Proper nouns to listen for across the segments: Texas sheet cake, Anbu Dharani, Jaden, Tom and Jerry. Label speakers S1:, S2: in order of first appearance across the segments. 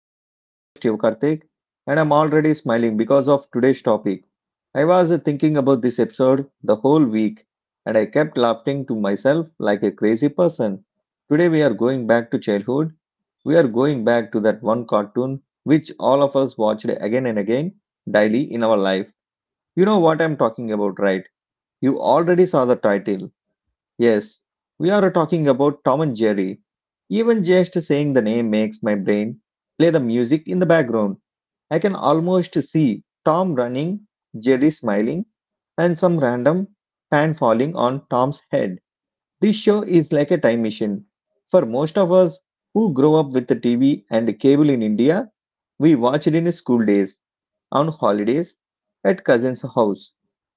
S1: I'm your host Shiv and I'm already smiling because of today's topic. I was thinking about this episode the whole week, and I kept laughing to myself like a crazy person. Today we are going back to childhood. We are going back to that one cartoon which all of us watched again and again daily in our life. You know what I'm talking about, right? You already saw the title. Yes, we are talking about Tom and Jerry. Even just saying the name makes my brain play the music in the background. I can almost see Tom running, Jerry smiling, and some random pan falling on Tom's head. This show is like a time machine. For most of us who grow up with the TV and cable in India, we watched in school days, on holidays, at cousins' house,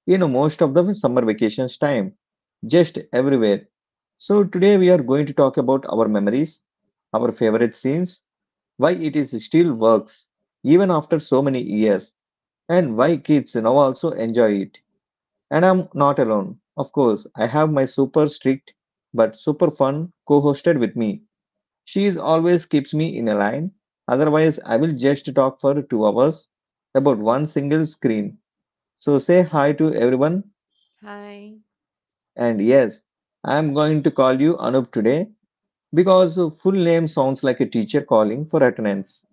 S1: in most of the summer vacations time, just everywhere. So today we are going to talk about our memories, our favorite scenes, why it is still works even after so many years, and why kids now also enjoy it. And I'm not alone. Of course, I have my super strict but super fun co-hosted with me. She's always keeps me in a line, otherwise I will just talk for 2 hours about one single screen. So say hi to everyone
S2: Hi.
S1: and yes, I'm going to call you Anup today because full name sounds like a teacher calling for attendance.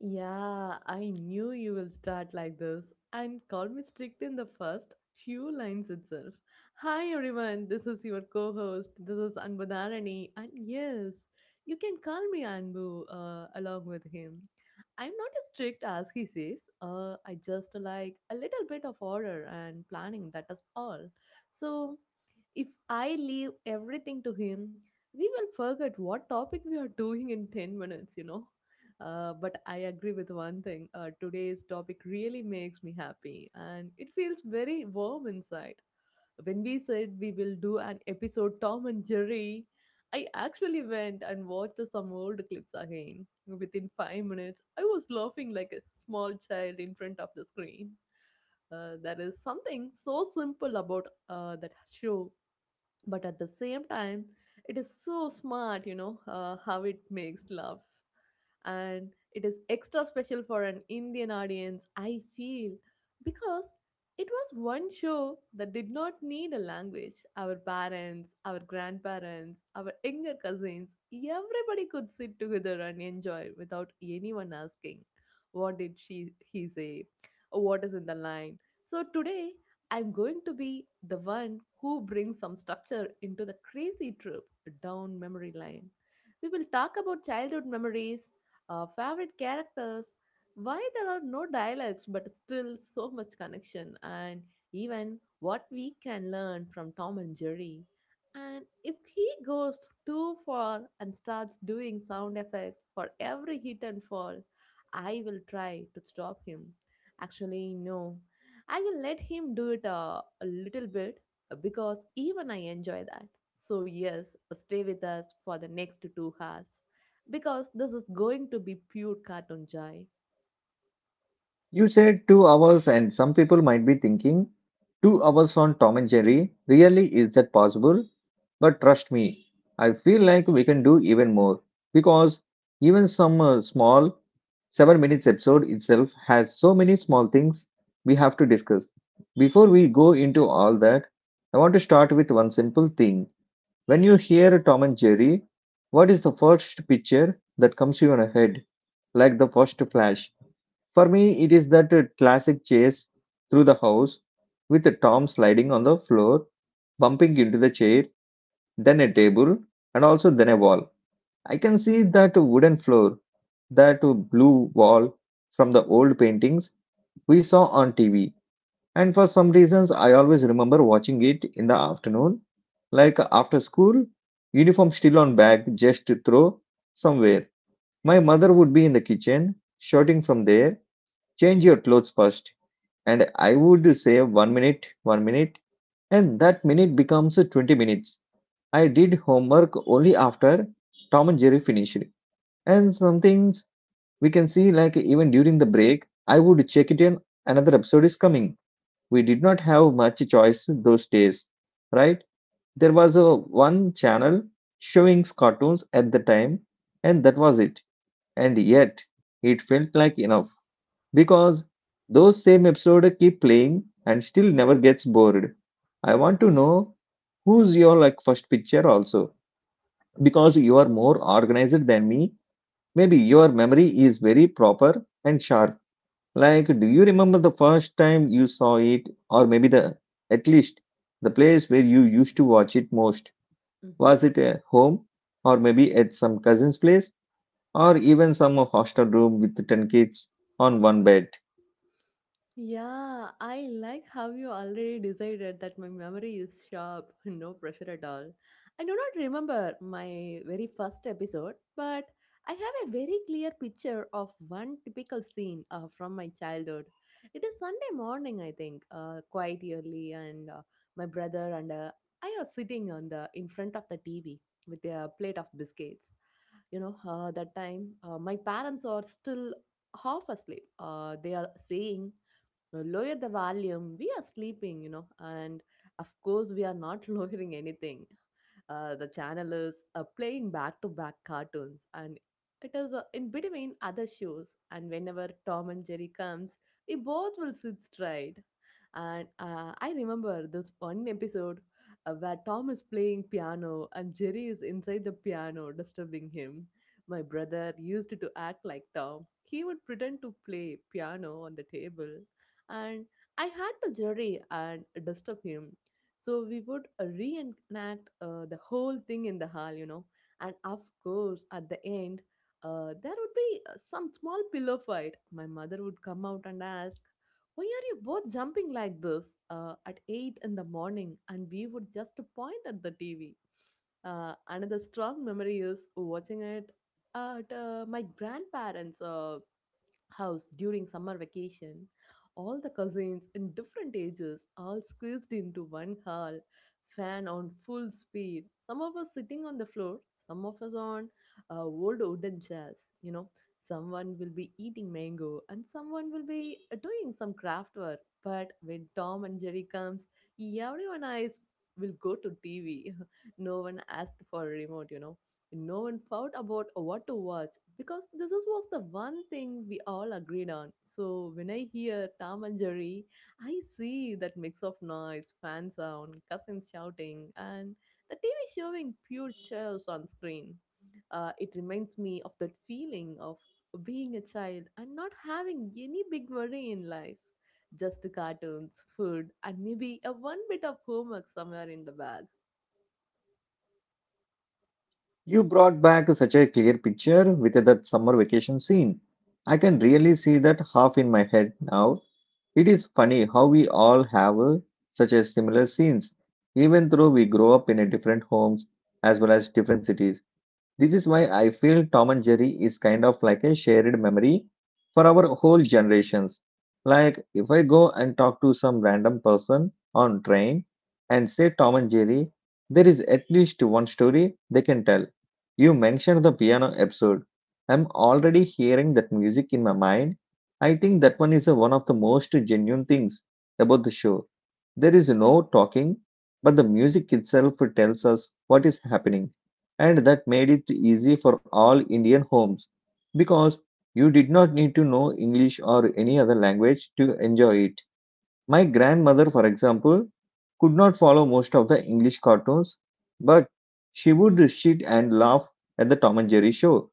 S2: Yeah, I knew you will start like this and call me strict in the first few lines itself. Hi everyone, this is your co-host. This is Anbu Dharani and yes, you can call me Anbu along with him. I'm not as strict as he says. I just like a little bit of order and planning, that is all. So, if I leave everything to him, we will forget what topic we are doing in 10 minutes, you know. But I agree with one thing. Today's topic really makes me happy, and it feels very warm inside. When we said we will do an episode Tom and Jerry, I actually went and watched some old clips again. Within 5 minutes, I was laughing like a small child in front of the screen. There is something so simple about that show, but at the same time it is so smart, you know, how it makes love. And it is extra special for an indian audience, I feel, because it was one show that did not need a language. Our parents, our grandparents, our younger cousins, everybody could sit together and enjoy without anyone asking what did she he say, what is in the line. So today I'm going to be the one who brings some structure into the crazy trip down memory lane. We will talk about childhood memories, our favorite characters, why there are no dialects but still so much connection, and even what we can learn from Tom and Jerry. And if he goes too far and starts doing sound effects for every hit and fall, I will try to stop him. Actually, no. I will let him do it a little bit, because even I enjoy that. So, yes, stay with us for the next 2 hours because this is going to be pure cartoon joy.
S1: You said 2 hours, and some people might be thinking, 2 hours on Tom and Jerry? Really, is that possible? But trust me, I feel like we can do even more because even some small 7 minutes episode itself has so many small things we have to discuss. Before we go into all that, I want to start with one simple thing. When you hear Tom and Jerry, what is the first picture that comes to your head like the first flash? For me, it is that classic chase through the house with Tom sliding on the floor, bumping into the chair, then a table, and also then a wall. I can see that wooden floor, that blue wall from the old paintings we saw on TV. And for some reasons, I always remember watching it in the afternoon, like after school, uniform still on bag, just to throw somewhere. My mother would be in the kitchen, shouting from there, change your clothes first and I would say one minute, and that minute becomes 20 minutes. I did homework only after Tom and Jerry finished. And some things we can see, like even during the break, I would check it in another episode is coming. We did not have much choice those days, right? There was a one channel showing cartoons at the time, and that was it. And yet, it felt like enough because those same episode keep playing and still never gets bored. I want
S2: Yeah.
S1: to know who's your like first picture also because you are more organized than me. Maybe your memory is very proper and sharp. Like, do you remember the first time you saw it, or maybe the at least the place where you used to watch it most?
S2: hmm
S1: Was it at home, or maybe at some cousin's place, or even some hostel room with ten kids on one bed?
S2: Yeah, I like how you already decided that my memory is sharp, no pressure at all. I do not remember my very first episode, but I have a very clear picture of one typical scene from my childhood. It is Sunday morning, I think, quite early, and my brother and I are sitting on the in front of the TV with a plate of biscuits. You know, that time my parents are still half asleep. They are saying lower the volume, we are sleeping, you know. And of course we are not lowering anything. The channel is playing back to back cartoons, and it is in between other shows, and whenever tom and jerry comes, we both will sit straight. And I remember this one episode where tom is playing piano and jerry is inside the piano disturbing him. My brother used to act like tom. He would pretend to play piano on the table, and I had to jury and disturb him. So we would reenact the whole thing in the hall, you know. And of course, at the end, there would be some small pillow fight. My mother would come out and ask, why are you both jumping like this, at 8 in the morning? And we would just point at the TV. Another strong memory is watching it at my grandparents' house during summer vacation, all the cousins in different ages all squeezed into one hall, fan on full speed. Some of us sitting on the floor, some of us on old wooden chairs. You know, someone will be eating mango and someone will be doing some craft work. But when Tom and Jerry comes, everyone eyes will go to TV. no one asked for a remote, you know. No one fought about what to watch, was the one thing we all agreed on. So when I hear Tom and Jerry, I see that mix of noise, fan sound, cousins shouting, and the TV showing pure chaos on screen. It reminds me of that feeling of being a child and not having any big worry in life. Just cartoons, food, and maybe a one bit of homework somewhere in the bag.
S1: You brought back such a clear picture with that summer vacation scene. I can really see that half in my head now. It is funny how we all have such a similar scenes, even though we grow up in a different homes as well as different cities. This is why I feel Tom and Jerry is kind of like a shared memory for our whole generations. Like if I go and talk to some random person on train and say Tom and Jerry, there is at least one story they can tell. You mentioned the piano episode. I'm already hearing that music in my mind. I think that one is one of the most genuine things about the show. There is no talking, but the music itself tells us what is happening and that made it easy for all Indian homes because you did not need to know English or any other language to enjoy it. My grandmother, for example, could not follow most of the English cartoons, but she would sit and laugh at the Tom and Jerry show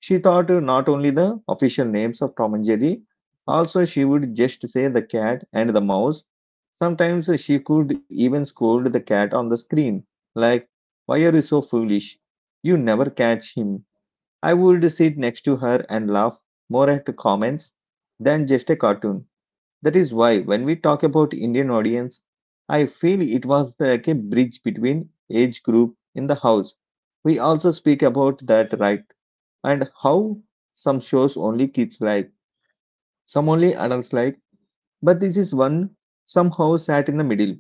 S1: she taught her not only the official names of Tom and Jerry, also she would just say the cat and the mouse. Sometimes she could even scold the cat on the screen, like, why are you so foolish? You never catch him. I would sit next to her and laugh more at comments than just a cartoon. That is why when we talk about Indian audience, I feel it was like a bridge between age group in the house. We also speak about that right and how some shows only kids like, some only adults like, but this is one somehow sat in the middle.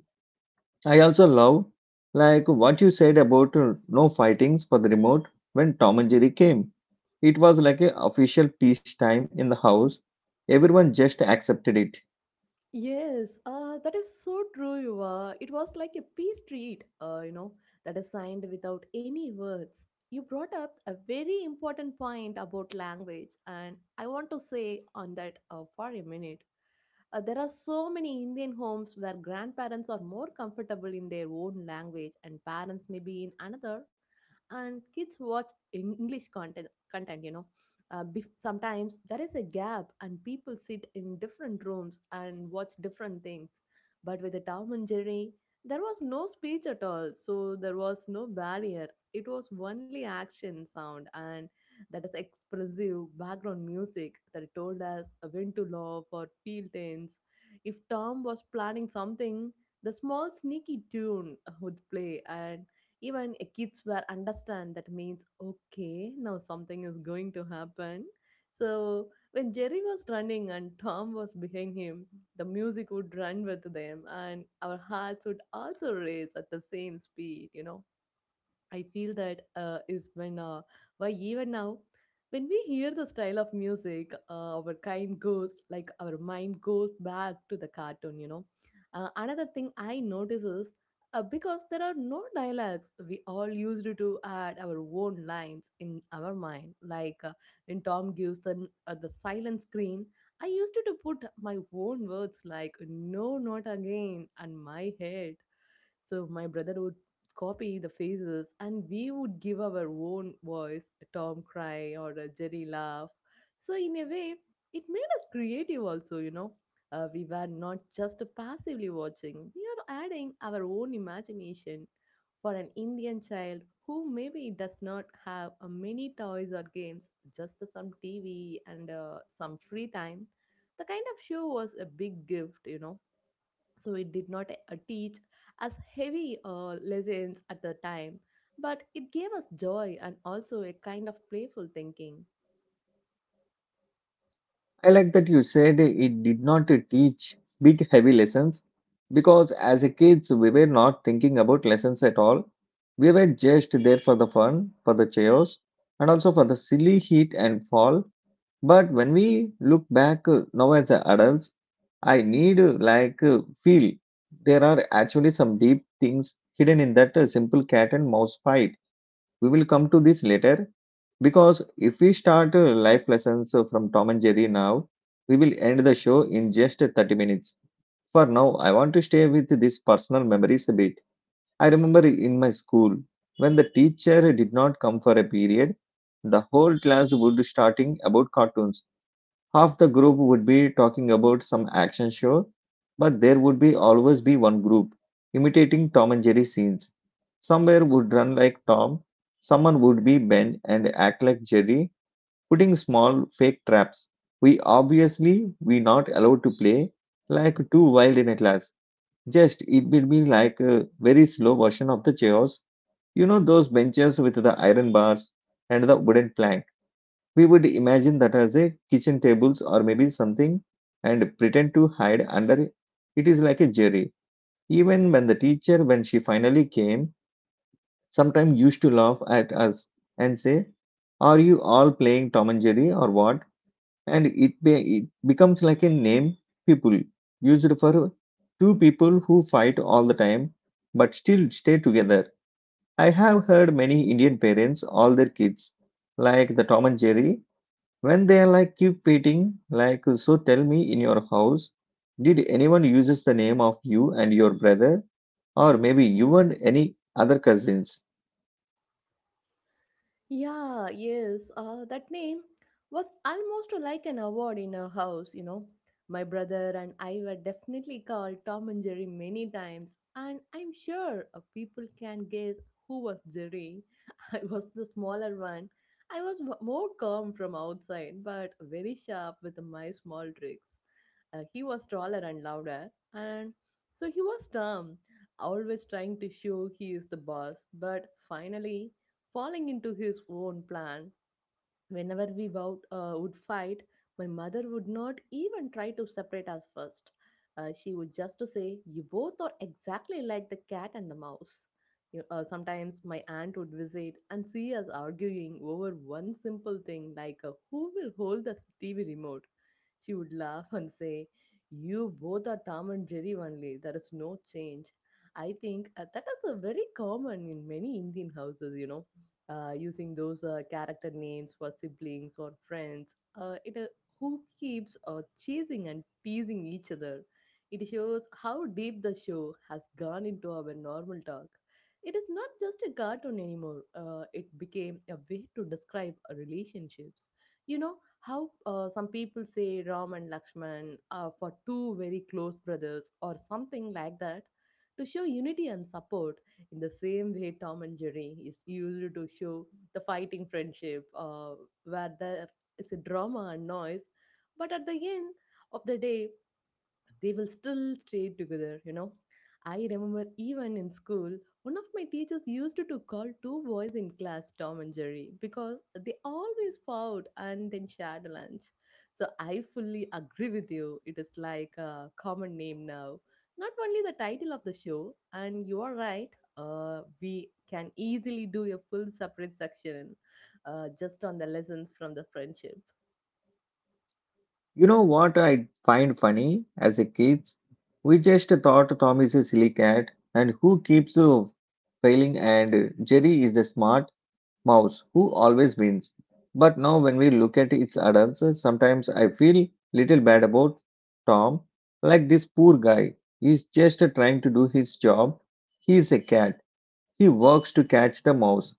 S1: I also love like what you said about no fightings for the remote when Tom and Jerry came. It was like a official peace time in the house. Everyone just accepted it.
S2: Yes, that is so true, Yuva. It was like a peace treat, you know, that is signed without any words. You brought up a very important point about language, and I want to say on that for a minute. There are so many Indian homes where grandparents are more comfortable in their own language and parents may be in another, and kids watch english content, you know. Sometimes there is a gap and people sit in different rooms and watch different things, but with the tom and jerry there was no speech at all, so there was no barrier. It was only action sound, and that is expressive background music that told us when to laugh or feel tense. If tom was planning something, the small sneaky tune would play. And even kids were understand that means okay, now something is going to happen. So when Jerry was running and Tom was behind him, the music would run with them and our hearts would also race at the same speed, you know. I feel that why even now, when we hear the style of music, our mind goes back to the cartoon, you know. Another thing I notice is because there are no dialects, we all used to add our own lines in our mind. Like when Tom gives them the silent screen, I used to put my own words like, no, not again, on my head. So my brother would copy the faces and we would give our own voice a tom cry or a jerry laugh. So in a way it made us creative also, you know. We were not just passively watching, we are adding our own imagination. For an indian child who maybe does not have many toys or games, just some tv and some free time, the kind of show was a big gift, you know. So it did not teach as heavy lessons at the time, but it gave us joy and also a kind of playful thinking.
S1: I like that you said it did not teach big heavy lessons because as a kids we were not thinking about lessons at all. We were just there for the fun, for the chaos, and also for the silly hit and fall. But when we look back now as a adults, I need feel there are actually some deep things hidden in that simple cat and mouse fight we will come to this later because if we start life lessons from Tom and Jerry now, we will end the show in just 30 minutes. For now, I want to stay with these personal memories a bit. I remember in my school when the teacher did not come for a period, the whole class would starting about cartoons half the group would be talking about some action show, but there would be always be one group imitating Tom and Jerry scenes. Somewhere would run like Tom, someone would be Ben and act like Jerry, putting small fake traps. We obviously we not allowed to play like too wild in a class. Just it will be like a very slow version of the chaos. You know those benches with the iron bars and the wooden planks. We would imagine that as a kitchen tables or maybe something and pretend to hide under it is like a jerry. Even when the teacher, when she finally came, sometimes used to laugh at us and say, are you all playing Tom and Jerry or what? And it becomes like a name people used for two people who fight all the time but still stay together. I have heard many Indian parents, all their kids, like the Tom and Jerry when they are like keep waiting, like so tell me in your house, did anyone uses the name of you and your brother, or maybe you and any other cousins?
S2: Yeah, yes. That name was almost like an award in our house, you know. My brother and I were definitely called Tom and Jerry many times, and I'm sure people can guess who was Jerry. I was the smaller one. I was more calm from outside, but very sharp with my small tricks. He was taller and louder, and so he was Tom, always trying to show he is the boss, but finally, falling into his own plan. Whenever we would fight, my mother would not even try to separate us first. She would just to say, "You both are exactly like the cat and the mouse." Sometimes my aunt would visit and see us arguing over one simple thing, like who will hold the TV remote. She would laugh and say, "You both are Tom and Jerry only. There is no change." I think that is a very common in many Indian houses, you know, using those character names for siblings or friends. It Who keeps chasing and teasing each other. It shows how deep the show has gone into our normal talk. It is not just a cartoon anymore. It became a way to describe relationships. You know how some people say Ram and Lakshman are for two very close brothers or something like that, to show unity and support. In the same way, Tom and Jerry is used to show the fighting friendship, where there is a drama and noise, but at the end of the day, they will still stay together, you know. I remember even in school, one of my teachers used to call two boys in class tom and jerry because they always fought and then shared lunch. So I fully agree with you, it is like a common name now, not only the title of the show. And you are right, we can easily do a full separate section just on the lessons from the friendship.
S1: You know what I find funny as a kids? We just thought Tom is a silly cat and who keeps failing and Jerry is a smart mouse who always wins. But now when we look at its adults, sometimes I feel little bad about Tom. Like this poor guy, he's just trying to do his job. He's a cat. He works to catch the mouse.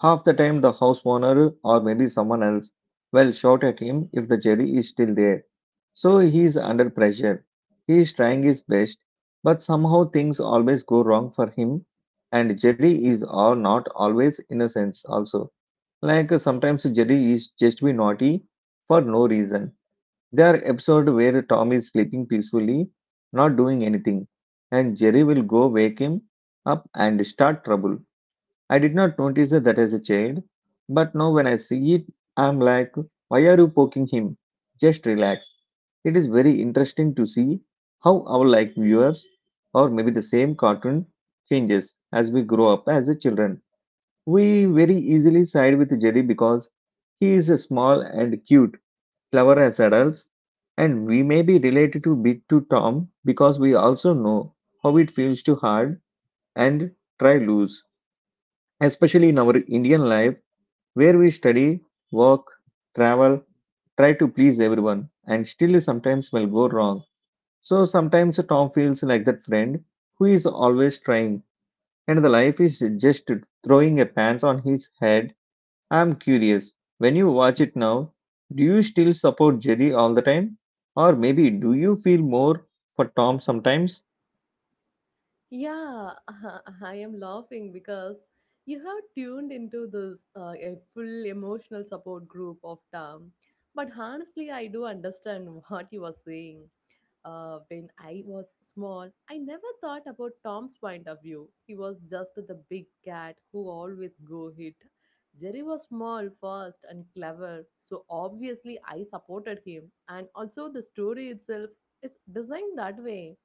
S1: Half the time the house owner or maybe someone else will shout at him if the jury is still there. So he is under pressure. He is trying his best, but somehow things always go wrong for him and Jerry is all not always innocent also. Like sometimes Jerry is just be naughty for no reason. There are episodes where Tom is sleeping peacefully, not doing anything, and Jerry will go wake him up and start trouble. I did not notice that as a child, but now when I see it, I'm like, why are you poking him? Just relax. It is very interesting to see how our like viewers or maybe the same cartoon changes as we grow up as a children. We very easily side with Jerry because he is small and cute, clever as adults, and we may be related to bit to Tom because we also know how it feels to hard and try loose, especially in our Indian life where we study, work, travel, try to please everyone, and still sometimes will go wrong. So sometimes Tom feels like that friend who is always trying, and the life is just throwing a pants on his head. I'm curious, when you watch it now, do you still support Jerry all the time? Or maybe do you feel more for Tom sometimes?
S2: Yeah, I am laughing because you have tuned into this a full emotional support group of Tom. But honestly, I do understand what you are saying. When I was small, I never thought about Tom's point of view. He was just the big cat who always go hit. Jerry was small, fast, and clever, so obviously I supported him. And also, the story itself is designed that way,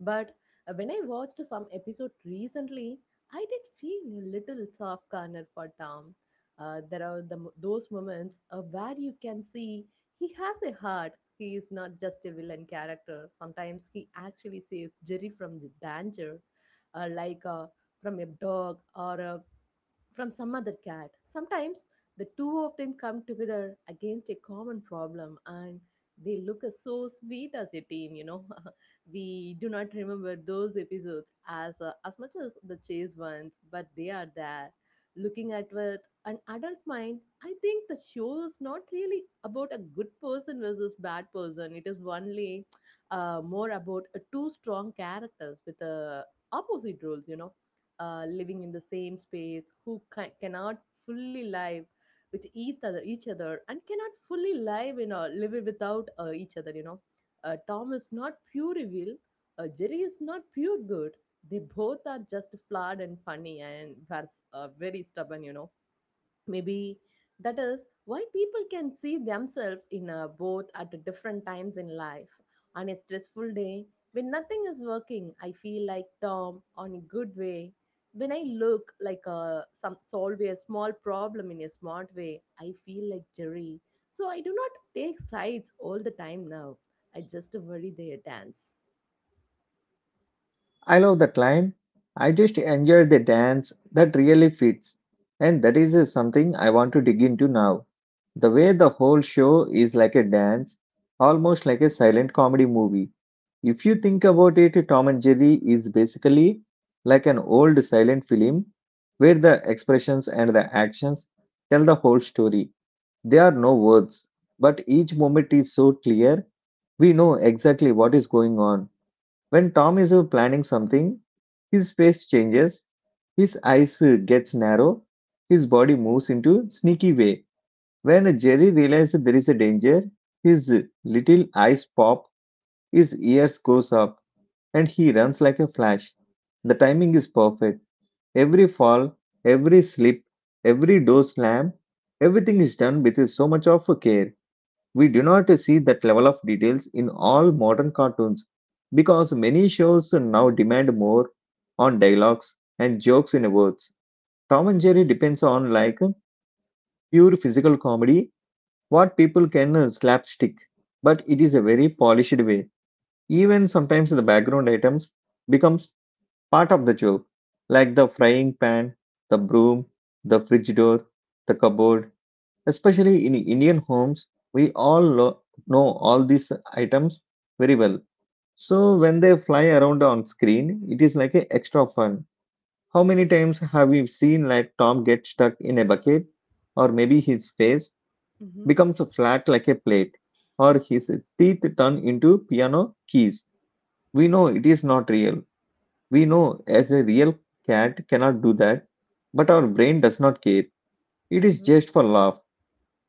S2: but when I watched some episode recently, I did feel a little soft corner for Tom. There are those moments where you can see he has a heart. He is not just a villain character. Sometimes he actually saves Jerry from the danger, uh, like uh, from a dog or a from some other cat. Sometimes the two of them come together against a common problem and they look as so sweet as a team, We do not remember those episodes as much as the chase ones, but they are there. Looking at with an adult mind, I think the show is not really about a good person versus bad person. It is only more about two strong characters with opposite roles, you know, living in the same space who cannot fully live with each other and cannot fully live in a live it without each other, you know. Tom is not pure evil. Jerry is not pure good. They both are just flawed and funny and are very stubborn, you know. Maybe that is why people can see themselves in a both at different times in life. On a stressful day, when nothing is working, I feel like Tom on a good way. When I look like a some solve a small problem in a smart way, I feel like Jerry. So I do not take sides all the time now. I just worry their dance.
S1: I love that line. I just enjoy the dance that really fits. And that is something I want to dig into now. The way the whole show is like a dance, almost like a silent comedy movie. If you think about it, Tom and Jerry is basically like an old silent film where the expressions and the actions tell the whole story. There are no words, but each moment is so clear we know exactly what is going on. When Tom is planning something, his face changes, his eyes gets narrow, his body moves into sneaky way. When Jerry realizes there is a danger, his little eyes pop, his ears goes up, and he runs like a flash. The timing is perfect. Every fall, every slip, every door slam, everything is done with so much of care. We do not see that level of details in all modern cartoons because many shows now demand more on dialogues and jokes in words. Tom and Jerry depends on like pure physical comedy, what people can slapstick, but it is a very polished way. Even sometimes the background items becomes part of the joke, like the frying pan, the broom, the fridge door, the cupboard. Especially in Indian homes, we all know all these items very well. So when they fly around on screen, it is like a extra fun. How many times have we seen like Tom get stuck in a bucket, or maybe his face
S2: Mm-hmm.
S1: becomes flat like a plate, or his teeth turn into piano keys? We know it is not real, we know as a real cat cannot do that, but our brain does not care. It is
S2: Mm-hmm.
S1: just for laugh.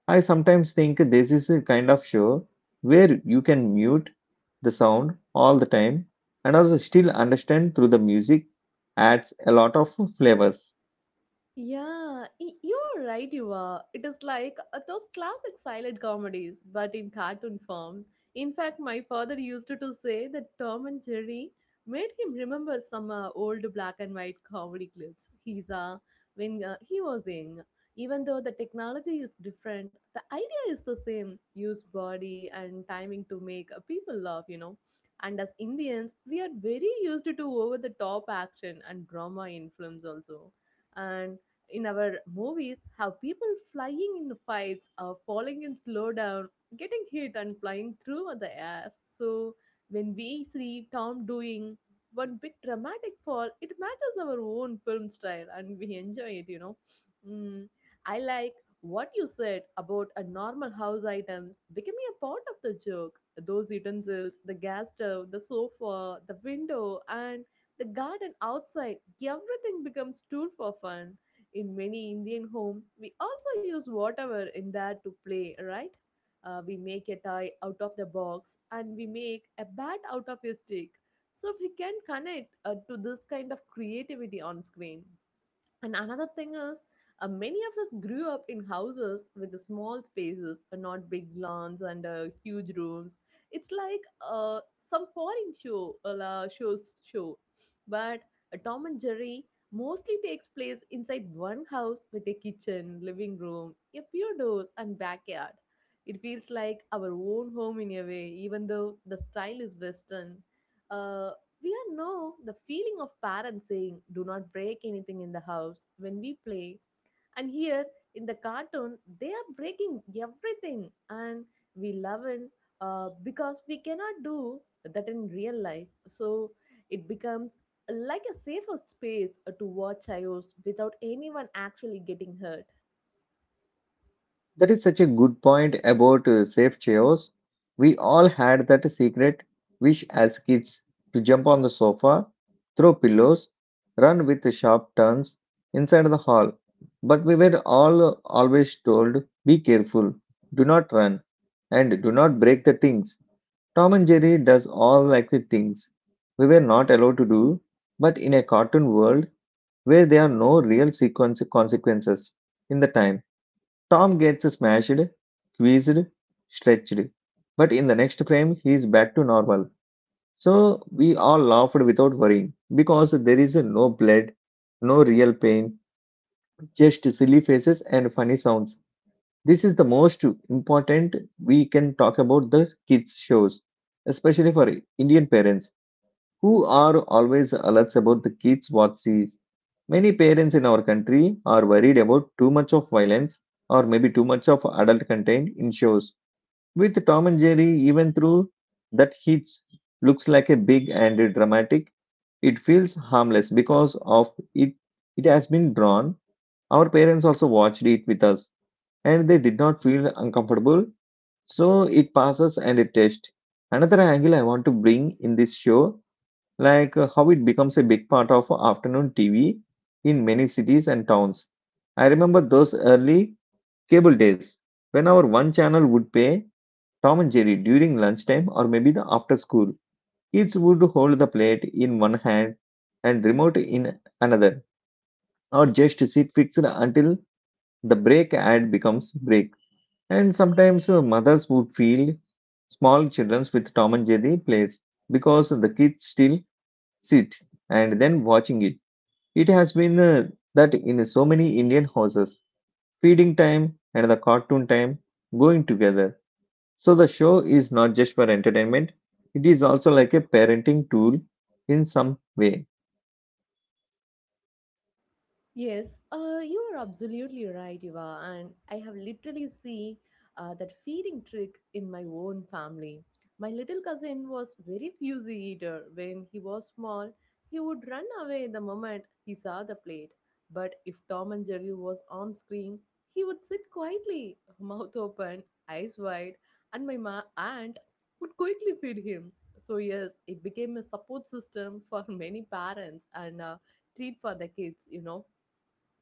S1: I sometimes think this is a kind of show where you can mute the sound all the time and also still understand through the music adds a lot of flavors.
S2: Yeah, you're right, you are. It is like those classic silent comedies, but in cartoon form. In fact, my father used to say that Tom and Jerry made him remember some old black and white comedy clips he's when he was young. Even though the technology is different, the idea is the same. Use body and timing to make people laugh, you know. And as Indians, we are very used to over the top action and drama in films also, and in our movies have people flying in fights or falling in slowdown, getting hit and flying through the air. So when we see Tom doing one big dramatic fall, it matches our own film style and we enjoy it, you know. Mm, I like what you said about a normal house items becoming a part of the joke. Those utensils, the gas stove, the sofa, the window, and the garden outside, everything becomes tool for fun. In many Indian home, we also use whatever in there to play, right? We make a toy out of the box and we make a bat out of a stick. So we can connect to this kind of creativity on screen. And another thing is, many of us grew up in houses with the small spaces, not big lawns and huge rooms. It's like some foreign show, shows show. But Tom and Jerry mostly takes place inside one house with a kitchen, living room, a few doors, and backyard. It feels like our own home in a way, even though the style is Western. Uh, we all know the feeling of parents saying, do not break anything in the house when we play. And here in the cartoon, they are breaking everything. And we love it because we cannot do that in real life. So it becomes like a safer space to watch IOs without anyone actually getting hurt.
S1: That is such a good point about safe chairs. We all had that secret wish as kids to jump on the sofa, throw pillows, run with sharp turns inside the hall. But we were all always told be careful, do not run, and do not break the things. Tom and Jerry does all like the things we were not allowed to do, but in a cartoon world where there are no real sequence consequences in the time Tom gets smashed, squeezed, stretched, but in the next frame he is back to normal. So we all laughed without worrying because there is no blood, no real pain, just silly faces and funny sounds. This is the most important we can talk about the kids shows, especially for Indian parents who are always alerts about the kids what sees. Many parents in our country are worried about too much of violence or maybe too much of adult content in shows. With Tom and Jerry, even through that hits looks like a big and dramatic, it feels harmless because of it has been drawn. Our parents also watched it with us and they did not feel uncomfortable, so it passes and it tests. Another angle I want to bring in this show like how it becomes a big part of afternoon TV in many cities and towns. I remember those early cable days when our one channel would pay Tom and Jerry during lunchtime or maybe the after school. Kids would hold the plate in one hand and remote in another, or just sit fixed until the break ad becomes break. And sometimes mothers would feel small children with Tom and Jerry plays because the kids still sit and then watching it has been that in so many Indian houses, feeding time and the cartoon time going together. So the show is not just for entertainment, it is also like a parenting tool in some way.
S2: Yes, you are absolutely right, Eva. And I have literally seen that feeding trick in my own family. My little cousin was very fusy eater. When he was small, he would run away the moment he saw the plate. But if Tom and Jerry was on screen, he would sit quietly, mouth open, eyes wide, and aunt would quickly feed him. So yes, it became a support system for many parents and a treat for the kids, you know.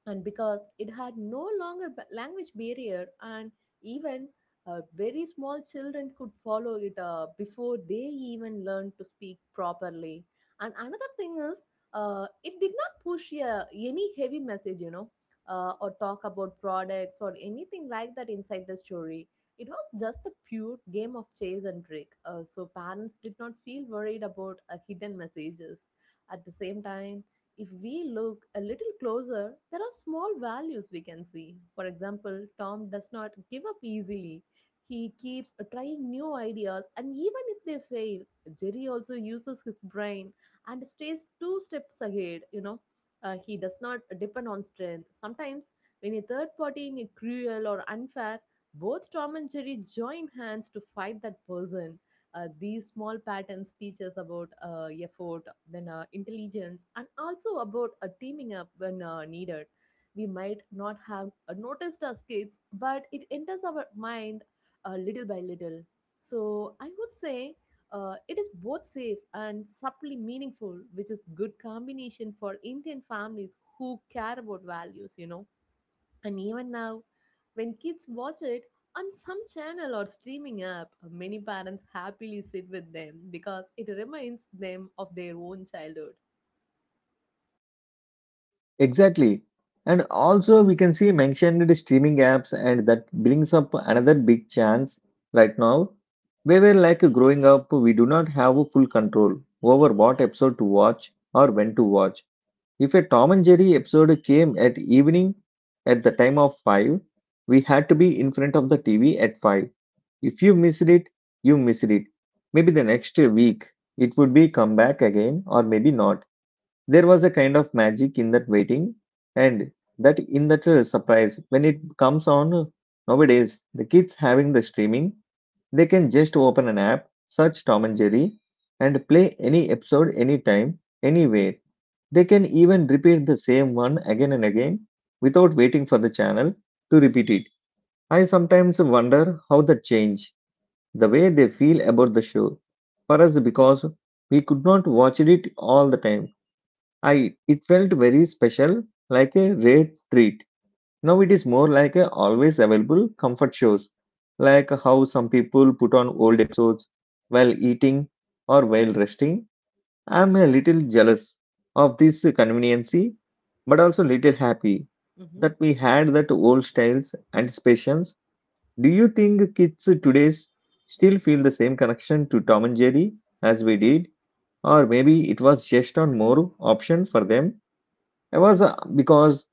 S2: And because it had no longer language barrier and even very small children could follow it before they even learned to speak properly. And another thing is, it did not push any heavy message, you know, or talk about products or anything like that inside the story. It was just a pure game of chase and trick, so parents did not feel worried about hidden messages. At the same time, if we look a little closer, there are small values we can see. For example, Tom does not give up easily. He keeps trying new ideas, and even if they fail, Jerry also uses his brain and stays two steps ahead, you know. He does not depend on strength. Sometimes, when a third party is cruel or unfair, both Tom and Jerry join hands to fight that person. These small patterns teach us about effort, then intelligence, and also about teaming up when needed. We might not have noticed as kids, but it enters our mind little by little. So I would say it is both safe and subtly meaningful, which is good combination for Indian families who care about values, you know. And even now, when kids watch it on some channel or streaming app, many parents happily sit with them because it reminds them of their own childhood.
S1: Exactly. And also we can see mentioned streaming apps and that brings up another big chance right now. We were like growing up, we do not have full control over what episode to watch or when to watch. If a Tom and Jerry episode came at evening at the time of 5, we had to be in front of the TV at 5. If you missed it, you missed it. Maybe the next week it would be come back again or maybe not. There was a kind of magic in that waiting and that in that surprise when it comes on nowadays the kids having the streaming they can just open an app, search Tom and Jerry, and play any episode anytime, anywhere. They can even repeat the same one again and again without waiting for the channel to repeat it. I sometimes wonder how that change the way they feel about the show for us because we could not watch it all the time. I it felt very special, like a rare treat. Now it is more like a always available comfort shows, like how some people put on old episodes while eating or while resting. I'm a little jealous of this conveniency, but also little happy that we had that old styles and patience. Do you think kids today still feel the same connection to Tom and Jerry as we did, or maybe it was just on more option for them? I was because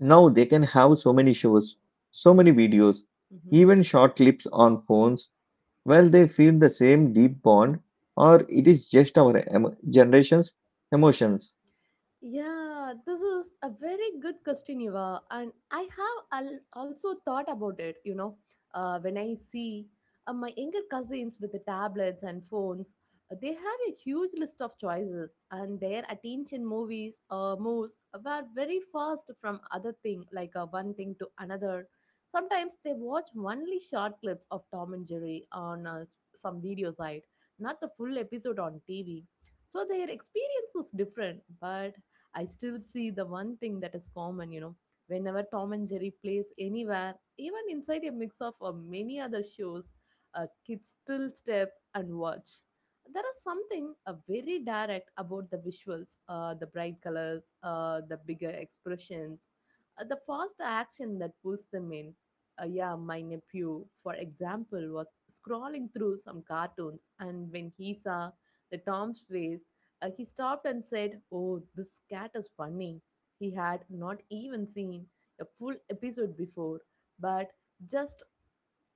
S1: now they can have so many shows, so many videos,
S2: Hmm.
S1: even short clips on phones while they feel the same deep bond, or it is just our generation's emotions.
S2: Yeah, this is a very good question, Eva. And I have also thought about it, you know. When I see my younger cousins with the tablets and phones, they have a huge list of choices and their attention movies moves were very fast from other thing, like one thing to another. Sometimes they watch only short clips of Tom and Jerry on some video site, not the full episode on TV. So their experience is different, but I still see the one thing that is common, you know. Whenever Tom and Jerry plays anywhere, even inside a mix of many other shows, kids still step and watch. There is something very direct about the visuals, the bright colors, the bigger expressions, the fast action that pulls them in. Yeah, my nephew, for example, was scrolling through some cartoons, and when he saw the Tom's face, he stopped and said, "Oh, this cat is funny." He had not even seen a full episode before, but just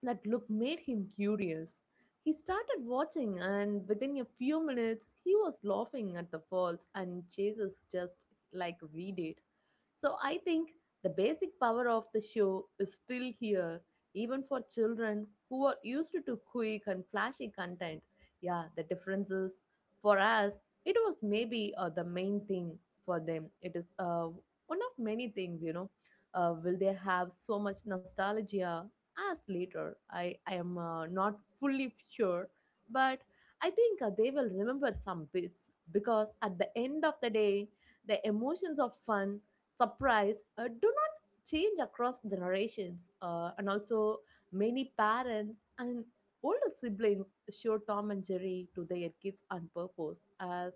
S2: that look made him curious. He started watching, and within a few minutes, he was laughing at the falls and chases just like we did. So I think the basic power of the show is still here, even for children who are used to quick and flashy content. Yeah, the difference is for us, it was maybe the main thing. For them, it is one of many things, you know. Will they have so much nostalgia as later? I am not fully sure, but I think they will remember some bits because at the end of the day, the emotions of fun, surprise, do not change across generations. And also, many parents and older siblings show Tom and Jerry to their kids on purpose as,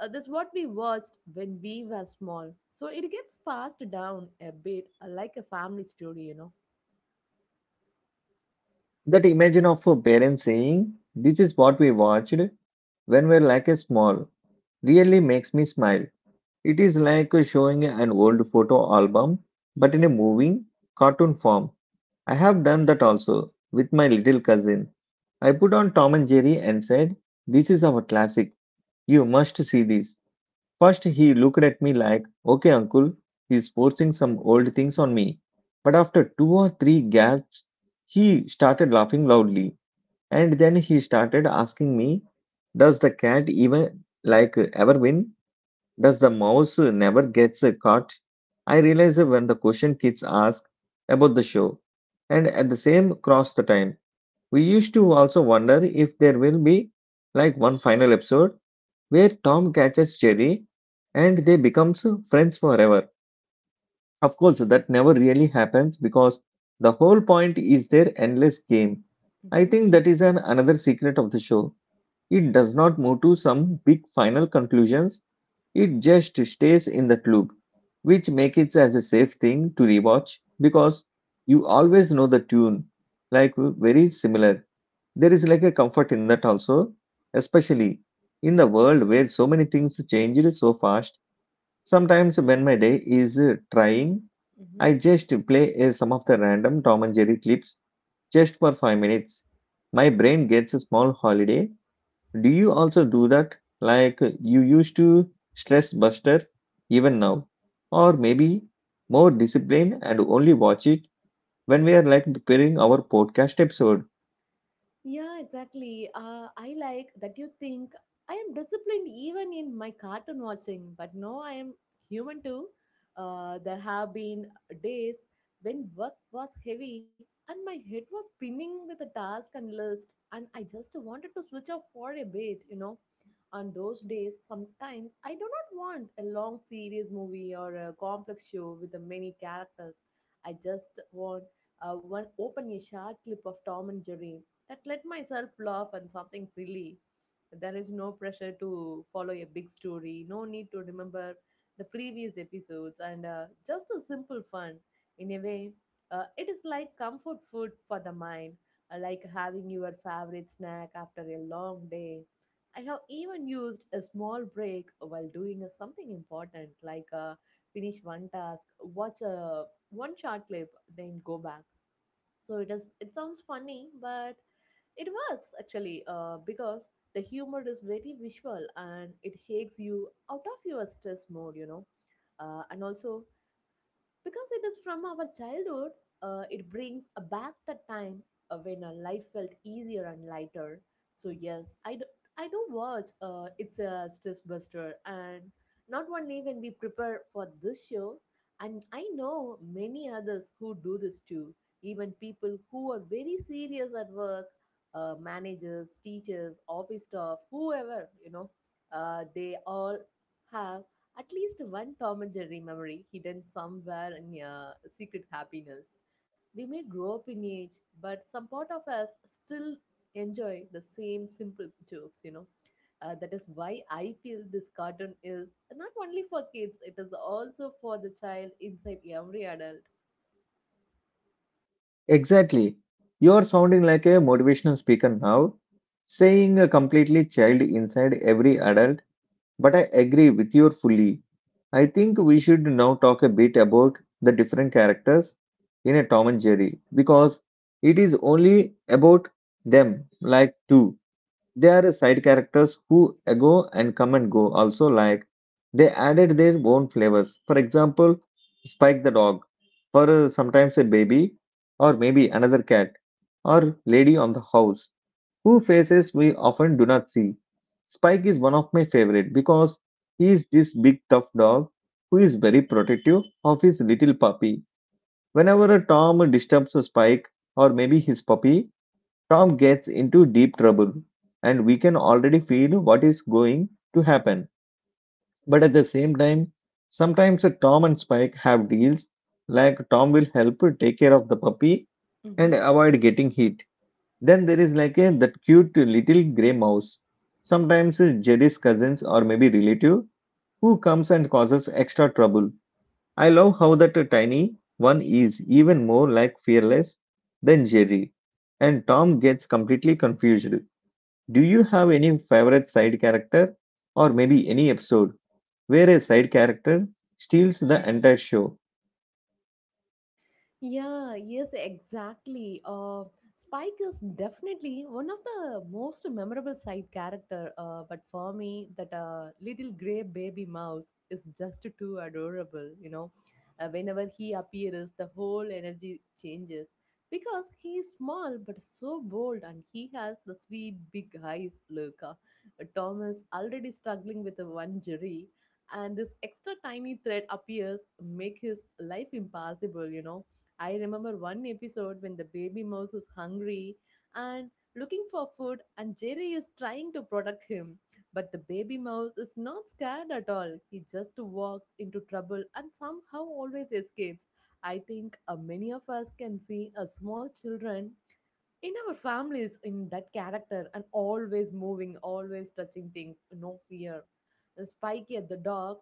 S2: this what we watched when we were small, so it gets passed down a bit, like a family story, you know.
S1: That imagine of a parent saying, this is what we watched when we we're like a small, really makes me smile. It is like showing an old photo album, but in a moving, cartoon form. I have done that also with my little cousin. I put on Tom and Jerry and said, this is our classic. You must see this. First, he looked at me like, okay, uncle, he's forcing some old things on me. But after two or three gasps, he started laughing loudly. And then he started asking me, does the cat even like ever win? Does the mouse never gets caught? I realized when the question kids ask about the show. And at the same cross the time, we used to also wonder if there will be like one final episode where Tom catches Jerry and they becomes friends forever. Of course, that never really happens because the whole point is their endless game. I think that is an another secret of the show. It does not move to some big final conclusions. It just stays in that loop, which make it as a safe thing to rewatch because you always know the tune, like very similar. There is like a comfort in that also, especially in the world where so many things changed so fast. Sometimes when my day is trying,
S2: Hmm.
S1: I just play some of the random Tom and Jerry clips just for 5 minutes. My brain gets a small holiday. Do you also do that? Like you used to stress buster even now, or maybe more discipline and only watch it when we are like preparing our podcast episode.
S2: Yeah, exactly. I like that you think I am disciplined even in my cartoon watching, but no, I am human too. There have been days when work was heavy and my head was spinning with the task and list, and I just wanted to switch off for a bit, you know. On those days, sometimes I do not want a long series movie or a complex show with the many characters. I just want one open a short clip of Tom and Jerry that let myself laugh and something silly. There is no pressure to follow a big story, no need to remember the previous episodes, and just a simple fun. In a way, it is like comfort food for the mind, like having your favorite snack after a long day. I have even used a small break while doing a something important, like finish one task, watch a one short clip, then go back. So it is. It sounds funny, but it works actually because the humor is very visual and it shakes you out of your stress mode, you know. And also, because it is from our childhood, it brings back the time when our life felt easier and lighter. So yes, I do watch It's a Stress Buster, and not only when we prepare for this show, and I know many others who do this too. Even people who are very serious at work, managers, teachers, office staff, whoever, they all have at least one Tom and Jerry memory hidden somewhere in a secret happiness. We may grow up in age, but some part of us still enjoy the same simple jokes. That is why I feel this cartoon is not only for kids, it is also for the child inside every adult.
S1: Exactly. You're sounding like a motivational speaker now, saying a completely child inside every adult, but I agree with you fully. I think we should now talk a bit about the different characters in a Tom and Jerry because it is only about them, like two. They are side characters who go and come and go. Also, like they added their own flavors. For example, Spike the dog, for sometimes a baby, or maybe another cat, or lady on the house, who faces we often do not see. Spike is one of my favorite because he is this big tough dog who is very protective of his little puppy. Whenever a Tom disturbs Spike or maybe his puppy, Tom gets into deep trouble, and we can already feel what is going to happen. But at the same time, sometimes Tom and Spike have deals like Tom will help take care of the puppy and avoid getting hit. Then there is like a, that cute little grey mouse, sometimes Jerry's cousins or maybe relative, who comes and causes extra trouble. I love how that tiny one is even more like fearless than Jerry, and Tom gets completely confused. Do you have any favorite side character, or maybe any episode where a side character steals the entire show?
S2: Yeah, yes, exactly. Spike is definitely one of the most memorable side character. But for me, that little gray baby mouse is just too adorable. Whenever he appears, the whole energy changes because he is small but so bold, and he has the sweet big eyes. Look, Tom is already struggling with one jury, and this extra tiny thread appears, make his life impossible. You know, I remember one episode when the baby mouse is hungry and looking for food, and Jerry is trying to protect him. But the baby mouse is not scared at all. He just walks into trouble and somehow always escapes. I think many of us can see a small children in our families in that character, and always moving, always touching things, no fear. The Spikey at the dog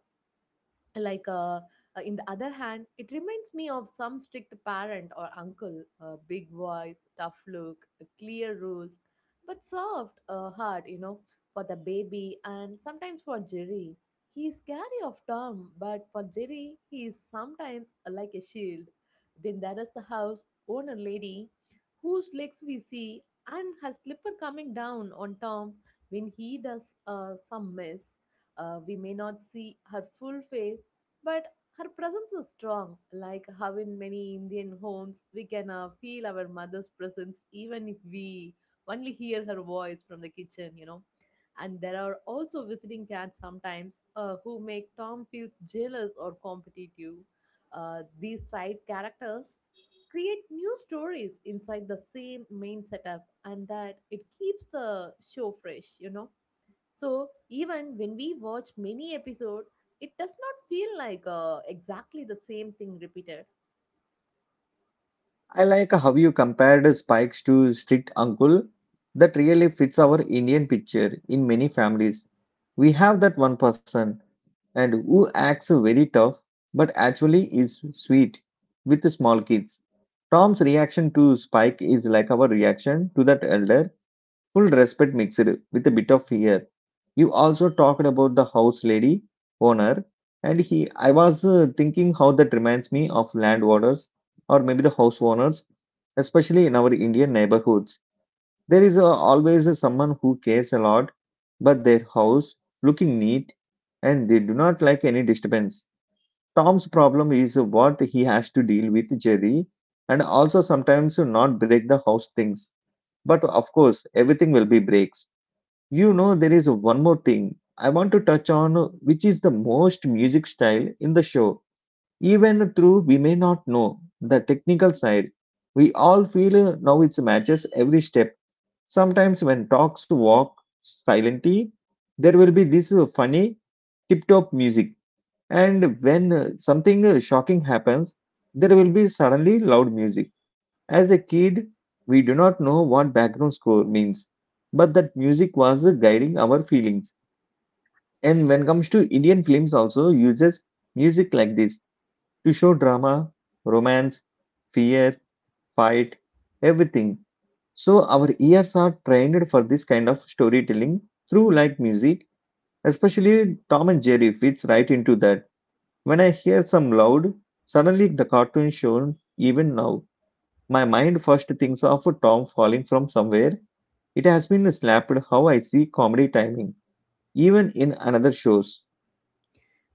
S2: like uh, in the other hand, it reminds me of some strict parent or uncle, big voice, tough look, clear rules but soft heart, for the baby and sometimes for Jerry. He is scary of Tom, but for Jerry he is sometimes like a shield. Then there is the house owner lady, whose legs we see, and her slipper coming down on Tom when he does some mess. We may not see her full face, but her presence is strong, like how in many Indian homes we can feel our mother's presence even if we only hear her voice from the kitchen, you know. And there are also visiting cats sometimes, who make Tom feels jealous or competitive. These side characters create new stories inside the same main setup, and that it keeps the show fresh, you know. So even when we watch many episode, it does not feel like exactly the same thing repeated.
S1: I like how you compared Spikes to strict uncle. That really fits our Indian picture in many families. We have that one person and who acts very tough but actually is sweet with the small kids. Tom's reaction to Spike is like our reaction to that elder, full respect mixed with a bit of fear. You also talked about the house lady owner, and he. I was thinking how that reminds me of landowners or maybe the house owners, especially in our Indian neighborhoods. There is always someone who cares a lot, but their house looking neat, and they do not like any disturbance. Tom's problem is what he has to deal with Jerry, and also sometimes not break the house things. But of course, everything will be breaks. There is one more thing I want to touch on, which is the most music style in the show. Even though we may not know the technical side, we all feel now it matches every step. Sometimes when talks walk silently, there will be this funny tip-top music, and when something shocking happens, there will be suddenly loud music. As a kid, we do not know what background score means, but that music was guiding our feelings. And when comes to Indian films, also uses music like this to show drama, romance, fear, fight, everything. So our ears are trained for this kind of storytelling through like music, especially Tom and Jerry fits right into that. When I hear some loud, suddenly the cartoon shown even now. My mind first thinks of Tom falling from somewhere. It has been slapped how I see comedy timing, even in another shows.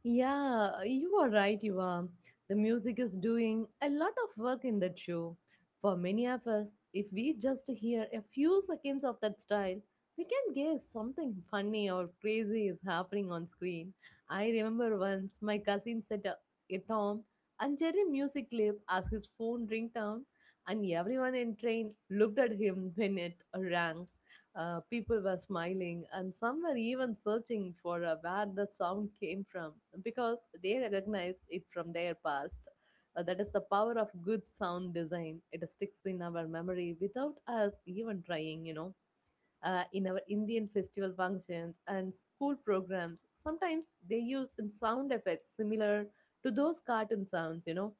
S2: Yeah, you are right, you are. The music is doing a lot of work in that show. For many of us, if we just hear a few seconds of that style, we can guess something funny or crazy is happening on screen. I remember once my cousin set up a Tom and Jerry music clip as his phone ringtone, and everyone in train looked at him when it rang. People were smiling, and some were even searching for where the sound came from because they recognized it from their past. That is the power of good sound design. It sticks in our memory without us even trying, you know. In our Indian festival functions and school programs, sometimes they use sound effects similar to those cartoon sounds, you know,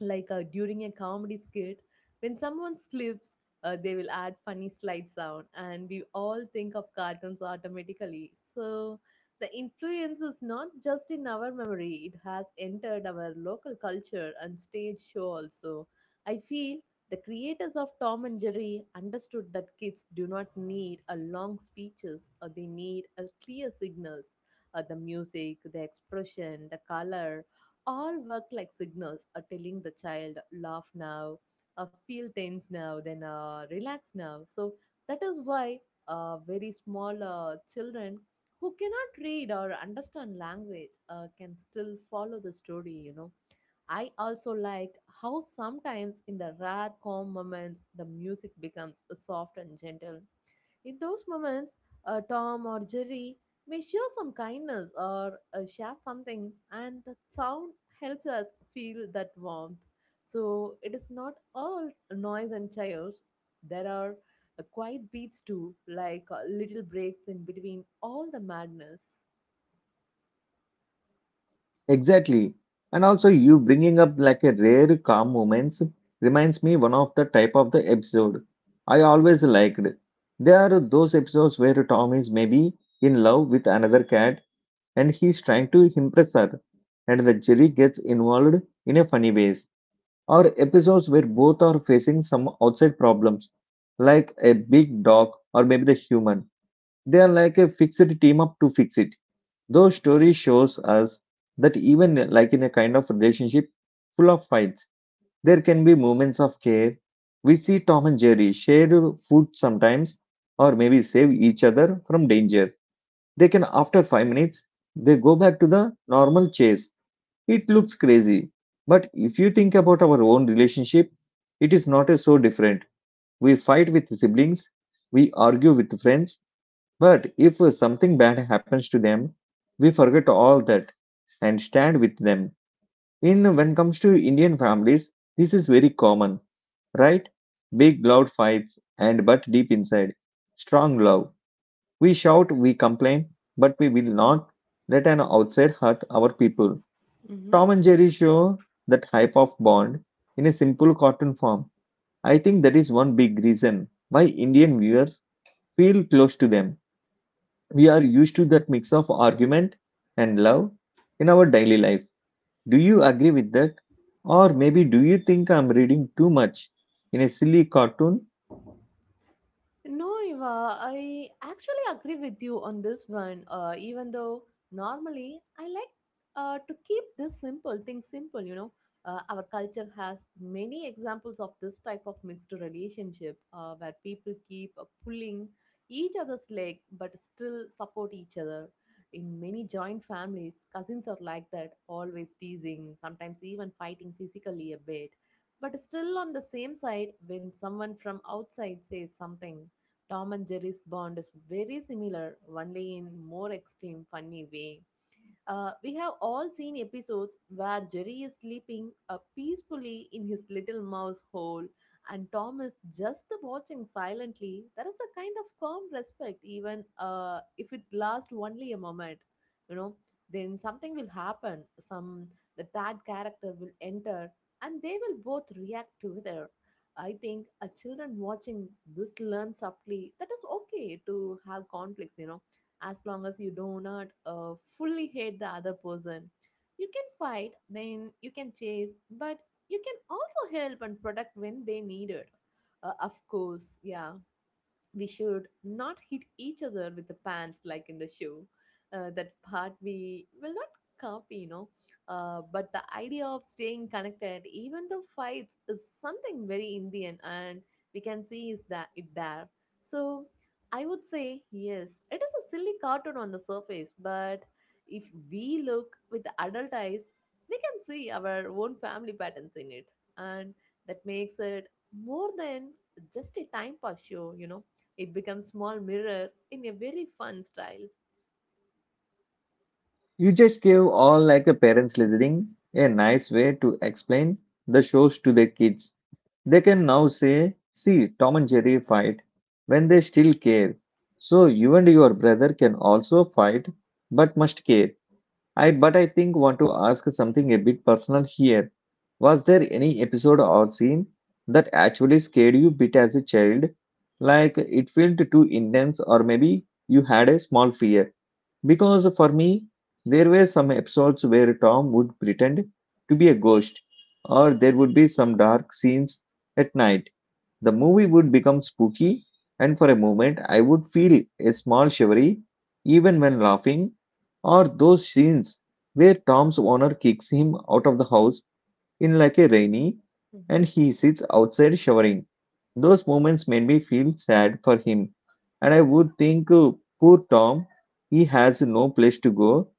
S2: like during a comedy skit, when someone slips, they will add funny slide sound, and we all think of cartoons automatically. So the influence is not just in our memory, it has entered our local culture and stage show also. I feel the creators of Tom and Jerry understood that kids do not need a long speeches, or they need a clear signals. The music, the expression, the color, all work like signals, telling the child laugh now, feel tense now, then relax now. So that is why very small children who cannot read or understand language can still follow the story, you know. I also like how sometimes in the rare calm moments the music becomes soft and gentle. In those moments, Tom or Jerry may show some kindness or share something, and the sound helps us feel that warmth. So it is not all noise and chaos. There are quiet beats too, like little breaks in between all the madness.
S1: Exactly. And also you bringing up like a rare calm moments reminds me one of the type of the episode I always liked. There are those episodes where Tom is maybe in love with another cat and he's trying to impress her and the Jerry gets involved in a funny way, or episodes where both are facing some outside problems, like a big dog or maybe the human. They are like a fixed team up to fix it. Those stories shows us that even like in a kind of relationship full of fights, there can be moments of care. We see Tom and Jerry share food sometimes, or maybe save each other from danger. They can after 5 minutes they go back to the normal chase it looks crazy, but if you think about our own relationship, it is not so different. We fight with siblings, we argue with friends, but if something bad happens to them, we forget all that and stand with them. In when comes to Indian families, this is very common, right? Big loud fights and but deep inside, strong love. We shout, we complain, but we will not let an outside hurt our people.
S2: Mm-hmm.
S1: Tom and Jerry show that hype of Bond in a simple cartoon form. I think that is one big reason why Indian viewers feel close to them. We are used to that mix of argument and love in our daily life. Do you agree with that? Or maybe do you think I'm reading too much in a silly cartoon?
S2: No, Eva, I actually agree with you on this one. Even though normally I like to keep this simple thing simple, you know. Our culture has many examples of this type of mixed relationship, where people keep pulling each other's leg but still support each other. In many joint families, cousins are like that, always teasing, sometimes even fighting physically a bit, but still on the same side when someone from outside says something. Tom and Jerry's bond is very similar, only in more extreme, funny way. We have all seen episodes where Jerry is sleeping peacefully in his little mouse hole, and Tom is just watching silently. There is a kind of calm respect, even if it lasts only a moment. You know, then something will happen. Some the third character will enter, and they will both react together. I think a children watching this learn subtly that is okay to have conflicts. You know, as long as you do not fully hate the other person. You can fight, then you can chase, but you can also help and protect when they need it. Of course, yeah, we should not hit each other with the pants like in the show. That part we will not copy, you know. But the idea of staying connected, even though fights, is something very Indian, and we can see is that it there. So I would say yes, it is a silly cartoon on the surface, but if we look with the adult eyes, we can see our own family patterns in it, and that makes it more than just a time pass show. It becomes small mirror in a very fun style.
S1: You just gave all like a parents listening a nice way to explain the shows to their kids. They can now say, see Tom and Jerry fight when they still care. So you and your brother can also fight but must care. I think want to ask something a bit personal here. Was there any episode or scene that actually scared you bit as a child? Like it felt too intense or maybe you had a small fear? Because for me, there were some episodes where Tom would pretend to be a ghost, or there would be some dark scenes at night. The movie would become spooky, and for a moment, I would feel a small shivery even when laughing, or those scenes where Tom's owner kicks him out of the house in like a rainy and
S2: Hmm.
S1: he sits outside showering. Those moments made me feel sad for him, and I would think, poor Tom, he has no place to go.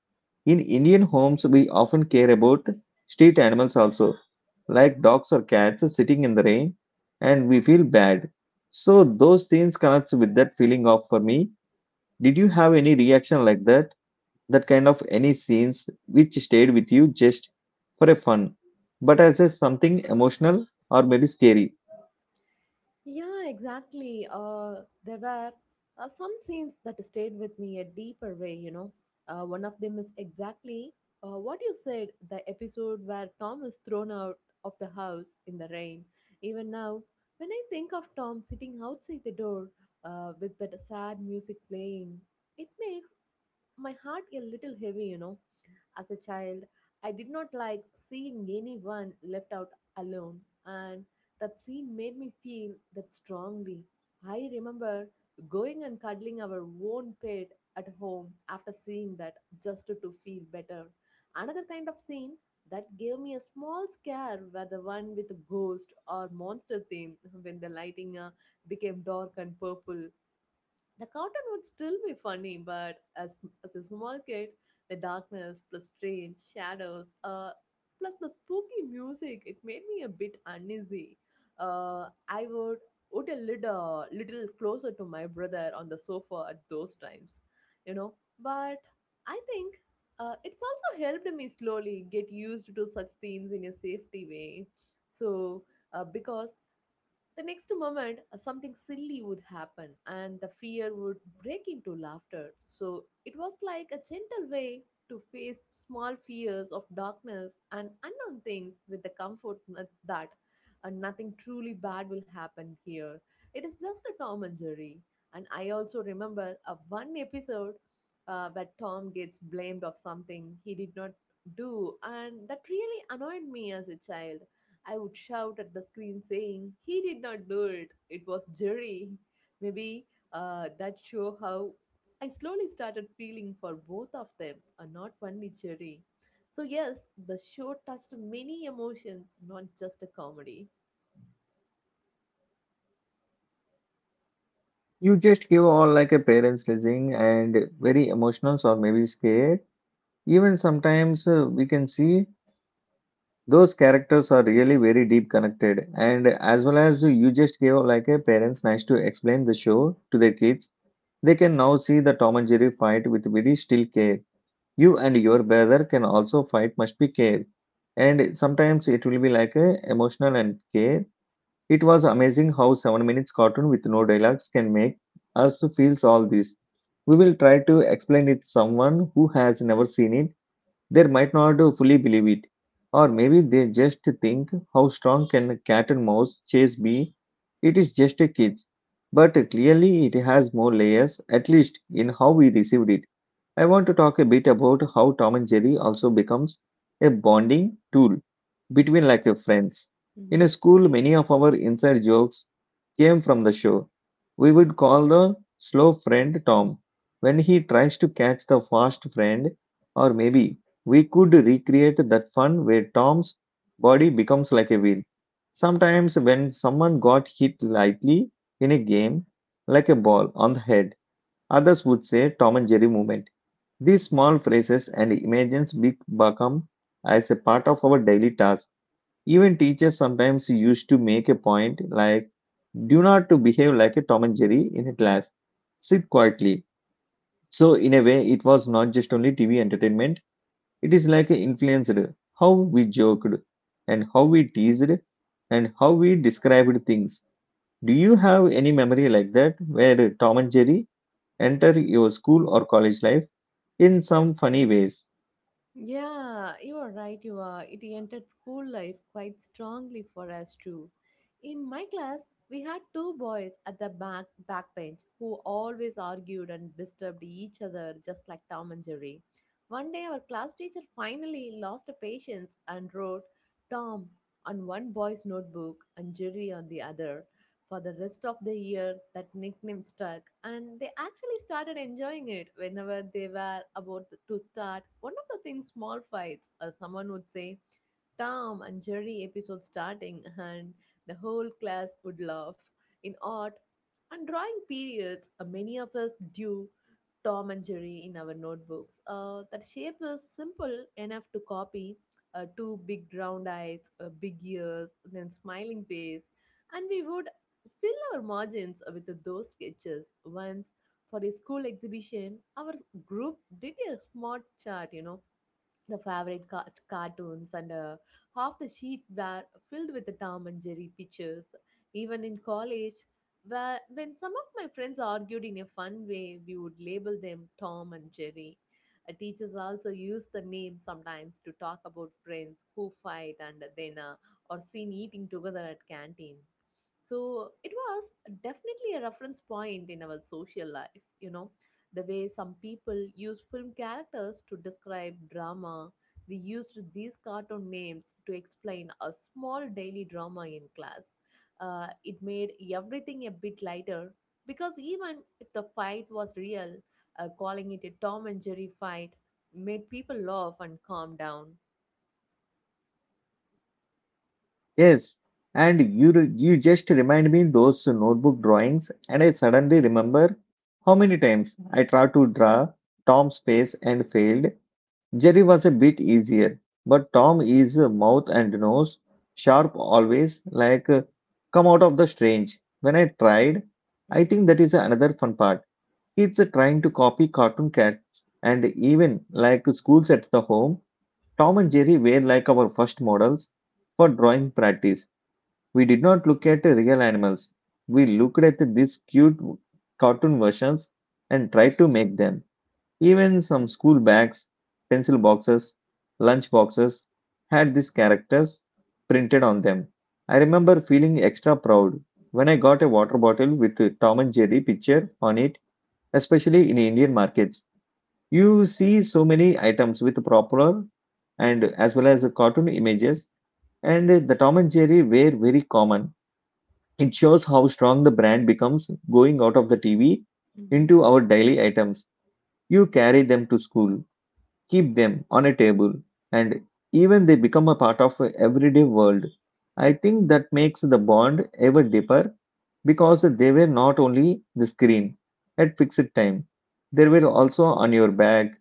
S1: In Indian homes, we often care about street animals also, like dogs or cats sitting in the rain, and we feel bad. So those scenes connects with that feeling of for me. Did you have any reaction like that? That kind of any scenes which stayed with you just for a fun, but as a something emotional or maybe scary.
S2: Yeah, exactly. There were some scenes that stayed with me a deeper way, you know. One of them is exactly what you said, the episode where Tom is thrown out of the house in the rain. Even now, when I think of Tom sitting outside the door with that sad music playing, it makes my heart a little heavy, you know. As a child, I did not like seeing anyone left out alone, and that scene made me feel that strongly. I remember going and cuddling our own pet at home after seeing that, just to feel better. Another kind of scene that gave me a small scare were the one with the ghost or monster theme, when the lighting became dark and purple. The cartoon would still be funny, but as a small kid, the darkness plus strange shadows, plus the spooky music, it made me a bit uneasy. I would a little, little closer to my brother on the sofa at those times, you know. But I think it's also helped me slowly get used to such themes in a safety way. So, because the next moment, something silly would happen, and the fear would break into laughter. So it was like a gentle way to face small fears of darkness and unknown things with the comfort n- that nothing truly bad will happen here. It is just a Tom and Jerry. And I also remember a one episode where Tom gets blamed of something he did not do, and that really annoyed me as a child. I would shout at the screen saying, "He did not do it, it was Jerry." Maybe that show how I slowly started feeling for both of them and not only Jerry. So, yes, the show touched many emotions, not just a comedy.
S1: You just give all like a parents listening and very emotional or maybe scared. Even sometimes we can see those characters are really very deep connected and as well as you just give like a parents nice to explain the show to their kids they can now see the Tom and Jerry fight with very still care. You and your brother can also fight must be care. And sometimes it will be like a emotional and care. It was amazing how 7 minutes cartoon with no dialogues can make us feels all this. We will try to explain it someone who has never seen it. They might not fully believe it. Or maybe they just think how strong can a cat and mouse chase be. It is just a kids. But clearly it has more layers, at least in how we received it. I want to talk a bit about how Tom and Jerry also becomes a bonding tool between like your friends. In a
S2: Mhm.
S1: school, many of our inside jokes came from the show. We would call the slow friend Tom when he tries to catch the fast friend, or maybe we could recreate that fun where Tom's body becomes like a wheel. Sometimes, when someone got hit lightly in a game, like a ball on the head, others would say Tom and Jerry movement these small phrases and images become as a part of our daily task. Even teachers sometimes used to make a point like, do not to behave like a Tom and Jerry in a class. Sit quietly. So in a way, it was not just only TV entertainment. It is like a influenced how we joked and how we teased and how we described things. Do you have any memory like that where Tom and Jerry enter your school or college life in some funny ways?
S2: Yeah, you are right, you are. It entered school life quite strongly for us too. In my class, we had two boys at the back bench who always argued and disturbed each other just like Tom and Jerry. One day our class teacher finally lost patience and wrote Tom on one boy's notebook and Jerry on the other. For the rest of the year, that nickname stuck, and they actually started enjoying it. Whenever they were about to start one of the things small fights, or someone would say, "Tom and Jerry episode starting," and the whole class would laugh. In art and drawing periods, many of us do Tom and Jerry in our notebooks. That shape is simple enough to copy, two big round eyes, big ears, then smiling face, and we would fill our margins with those sketches. Once for a school exhibition, our group did a smart chart, you know, the favorite cartoons, and half the sheet were filled with the Tom and Jerry pictures. Even in college, when some of my friends argued in a fun way, we would label them Tom and Jerry. Teachers also use the name sometimes to talk about friends who fight and then or seen eating together at canteen. So it was definitely a reference point in our social life. The way some people use film characters to describe drama, we used these cartoon names to explain a small daily drama in class. It made everything a bit lighter because even if the fight was real, calling it a Tom and Jerry fight made people laugh and calm down.
S1: Yes, and you just remind me those notebook drawings, and I suddenly remember how many times I tried to draw Tom's face and failed. Jerry was a bit easier, but Tom is a mouth and nose sharp always, like come out of the strange. When I tried, I
S2: Mm-hmm,
S1: think that is another fun part. Kids are trying to copy cartoon cats, and even like schools at the home, Tom and Jerry were like our first models for drawing practice we did not look at real animals. We looked at these cute cartoon versions and tried to make them. Even some school bags, pencil boxes, lunch boxes had these characters printed on them. I remember feeling extra proud when I got a water bottle with a Tom and Jerry picture on it, especially in Indian markets. You see so many items with proper and as well as the cartoon images and the Tom and Jerry were very common it shows how strong the brand becomes going out of the TV
S2: mm-hmm.
S1: into our daily items. You carry them to school, keep them on a table, and even they become a part of a everyday world. I think that makes the bond ever deeper because they were not only the screen at fixed time. They were also on your bag,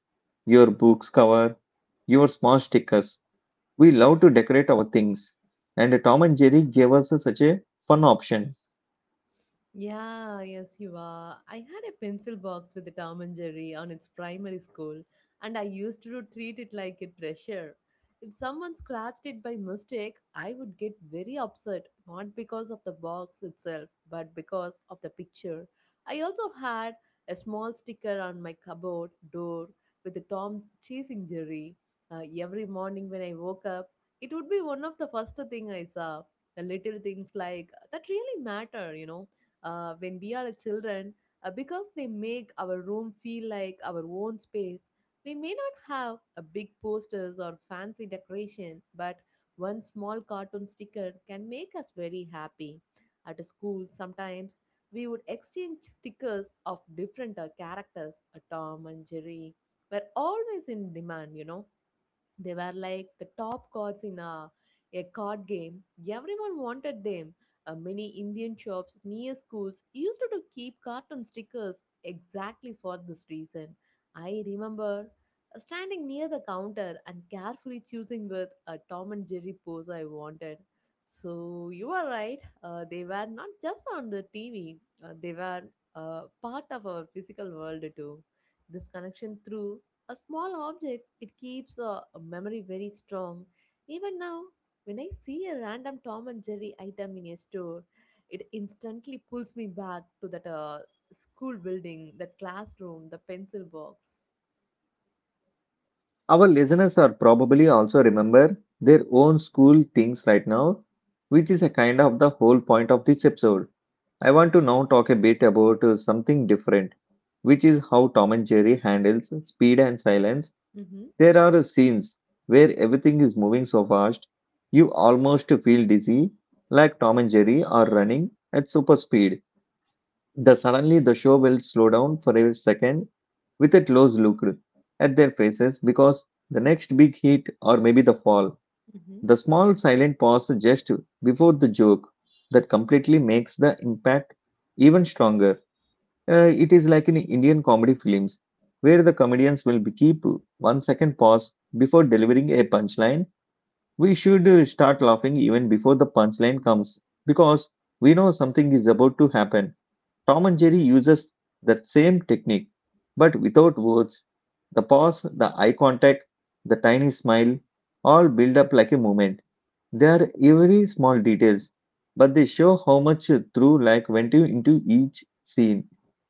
S1: your book's cover, your small stickers. We love to decorate our things, and Tom and Jerry gave us such a fun option.
S2: Yeah, yes, you are. I had a pencil box with the Tom and Jerry on its primary school, and I used to treat it like a treasure. If someone scratched it by mistake, I would get very upset, not because of the box itself, but because of the picture. I also had a small sticker on my cupboard door with the Tom chasing Jerry. Every morning when I woke up, it would be one of the first thing I saw. The little things like that really matter, when we are a children because they make our room feel like our own space. We may not have a big posters or fancy decoration, but one small cartoon sticker can make us very happy. At school, sometimes we would exchange stickers of different characters, Tom and Jerry were always in demand. They were like the top cards in a card game. Everyone wanted them. Many Indian shops near schools used to keep cartoon stickers exactly for this reason. I remember standing near the counter and carefully choosing with a Tom and Jerry pose I wanted. So you are right. They were not just on the TV. They were part of our physical world too. This connection through a small objects, it keeps a memory very strong. Even now, when I see a random Tom and Jerry item in a store, it instantly pulls me back to that school building, that classroom, the pencil box.
S1: Our listeners are probably also remember their own school things right now, which is a kind of the whole point of this episode. I want to now talk a bit about something different, which is how Tom and Jerry handles speed and silence.
S2: Mm-hmm,
S1: There are scenes where everything is moving so fast, you almost feel dizzy, like Tom and Jerry are running at super speed. The suddenly the show will slow down for a second with a close look at their faces because the next big hit or maybe the fall.
S2: mm-hmm.
S1: The small silent pause just before the joke that completely makes the impact even stronger. It is like in Indian comedy films where the comedians will be keep 1 second pause before delivering a punchline. We should start laughing even before the punchline comes because we know something is about to happen Tom and Jerry uses that same technique, but without words. The pause, the eye contact, the tiny smile all build up like a moment. They are very small details, but they show how much through like went into each scene.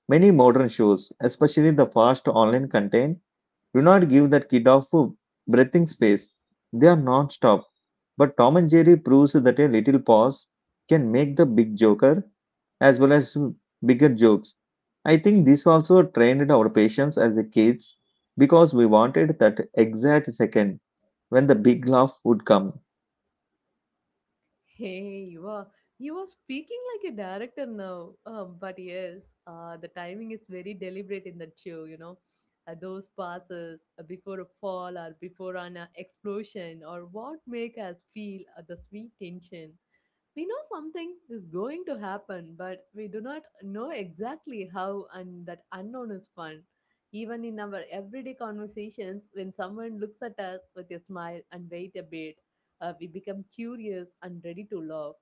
S1: Many modern shows, especially the fast online content, do not give that kid of breathing space. They are non-stop. But Tom and Jerry proves that a little pause can make the big joker as well as bigger jokes. I think this also trained our patience as a kids because we wanted that exact second when the big laugh would come.
S2: Hey, you are speaking like a director now. But yes, the timing is very deliberate in that show. You know, those passes before a fall or before an explosion or what make us feel the sweet tension. We know something is going to happen, but we do not know exactly how, and that unknown is fun. Even in our everyday conversations, when someone looks at us with a smile and wait a bit, we become curious and ready to laugh.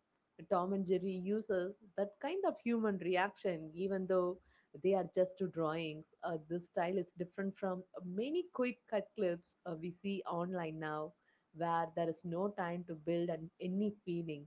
S2: Tom and Jerry uses that kind of human reaction, even though they are just two drawings. This style is different from many quick cut clips we see online now, where there is no time to build an, any feeling.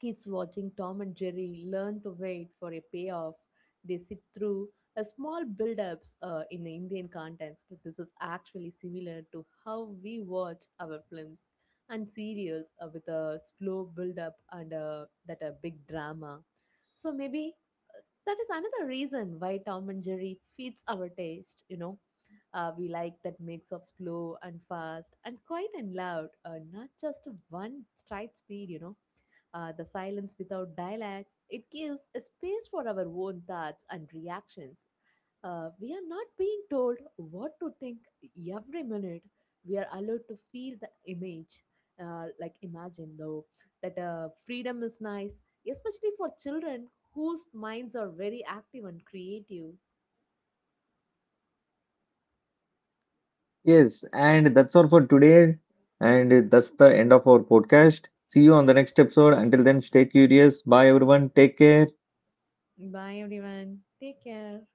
S2: Kids watching Tom and Jerry learn to wait for a payoff. They sit through a small build-ups in the Indian context. This is actually similar to how we watch our films and series with a slow build-up and that a big drama. So maybe that is another reason why Tom and Jerry fits our taste. We like that mix of slow and fast and quiet and loud, not just one straight speed. The silence without dialects, it gives a space for our own thoughts and reactions. We are not being told what to think every minute. We are allowed to feel the image. Like imagine though that freedom is nice, especially for children whose minds are very active and creative.
S1: Yes, and that's all for today. And that's the end of our podcast. See you on the next episode. Until then, stay curious. Bye, everyone. Take care.
S2: Bye everyone. Take care.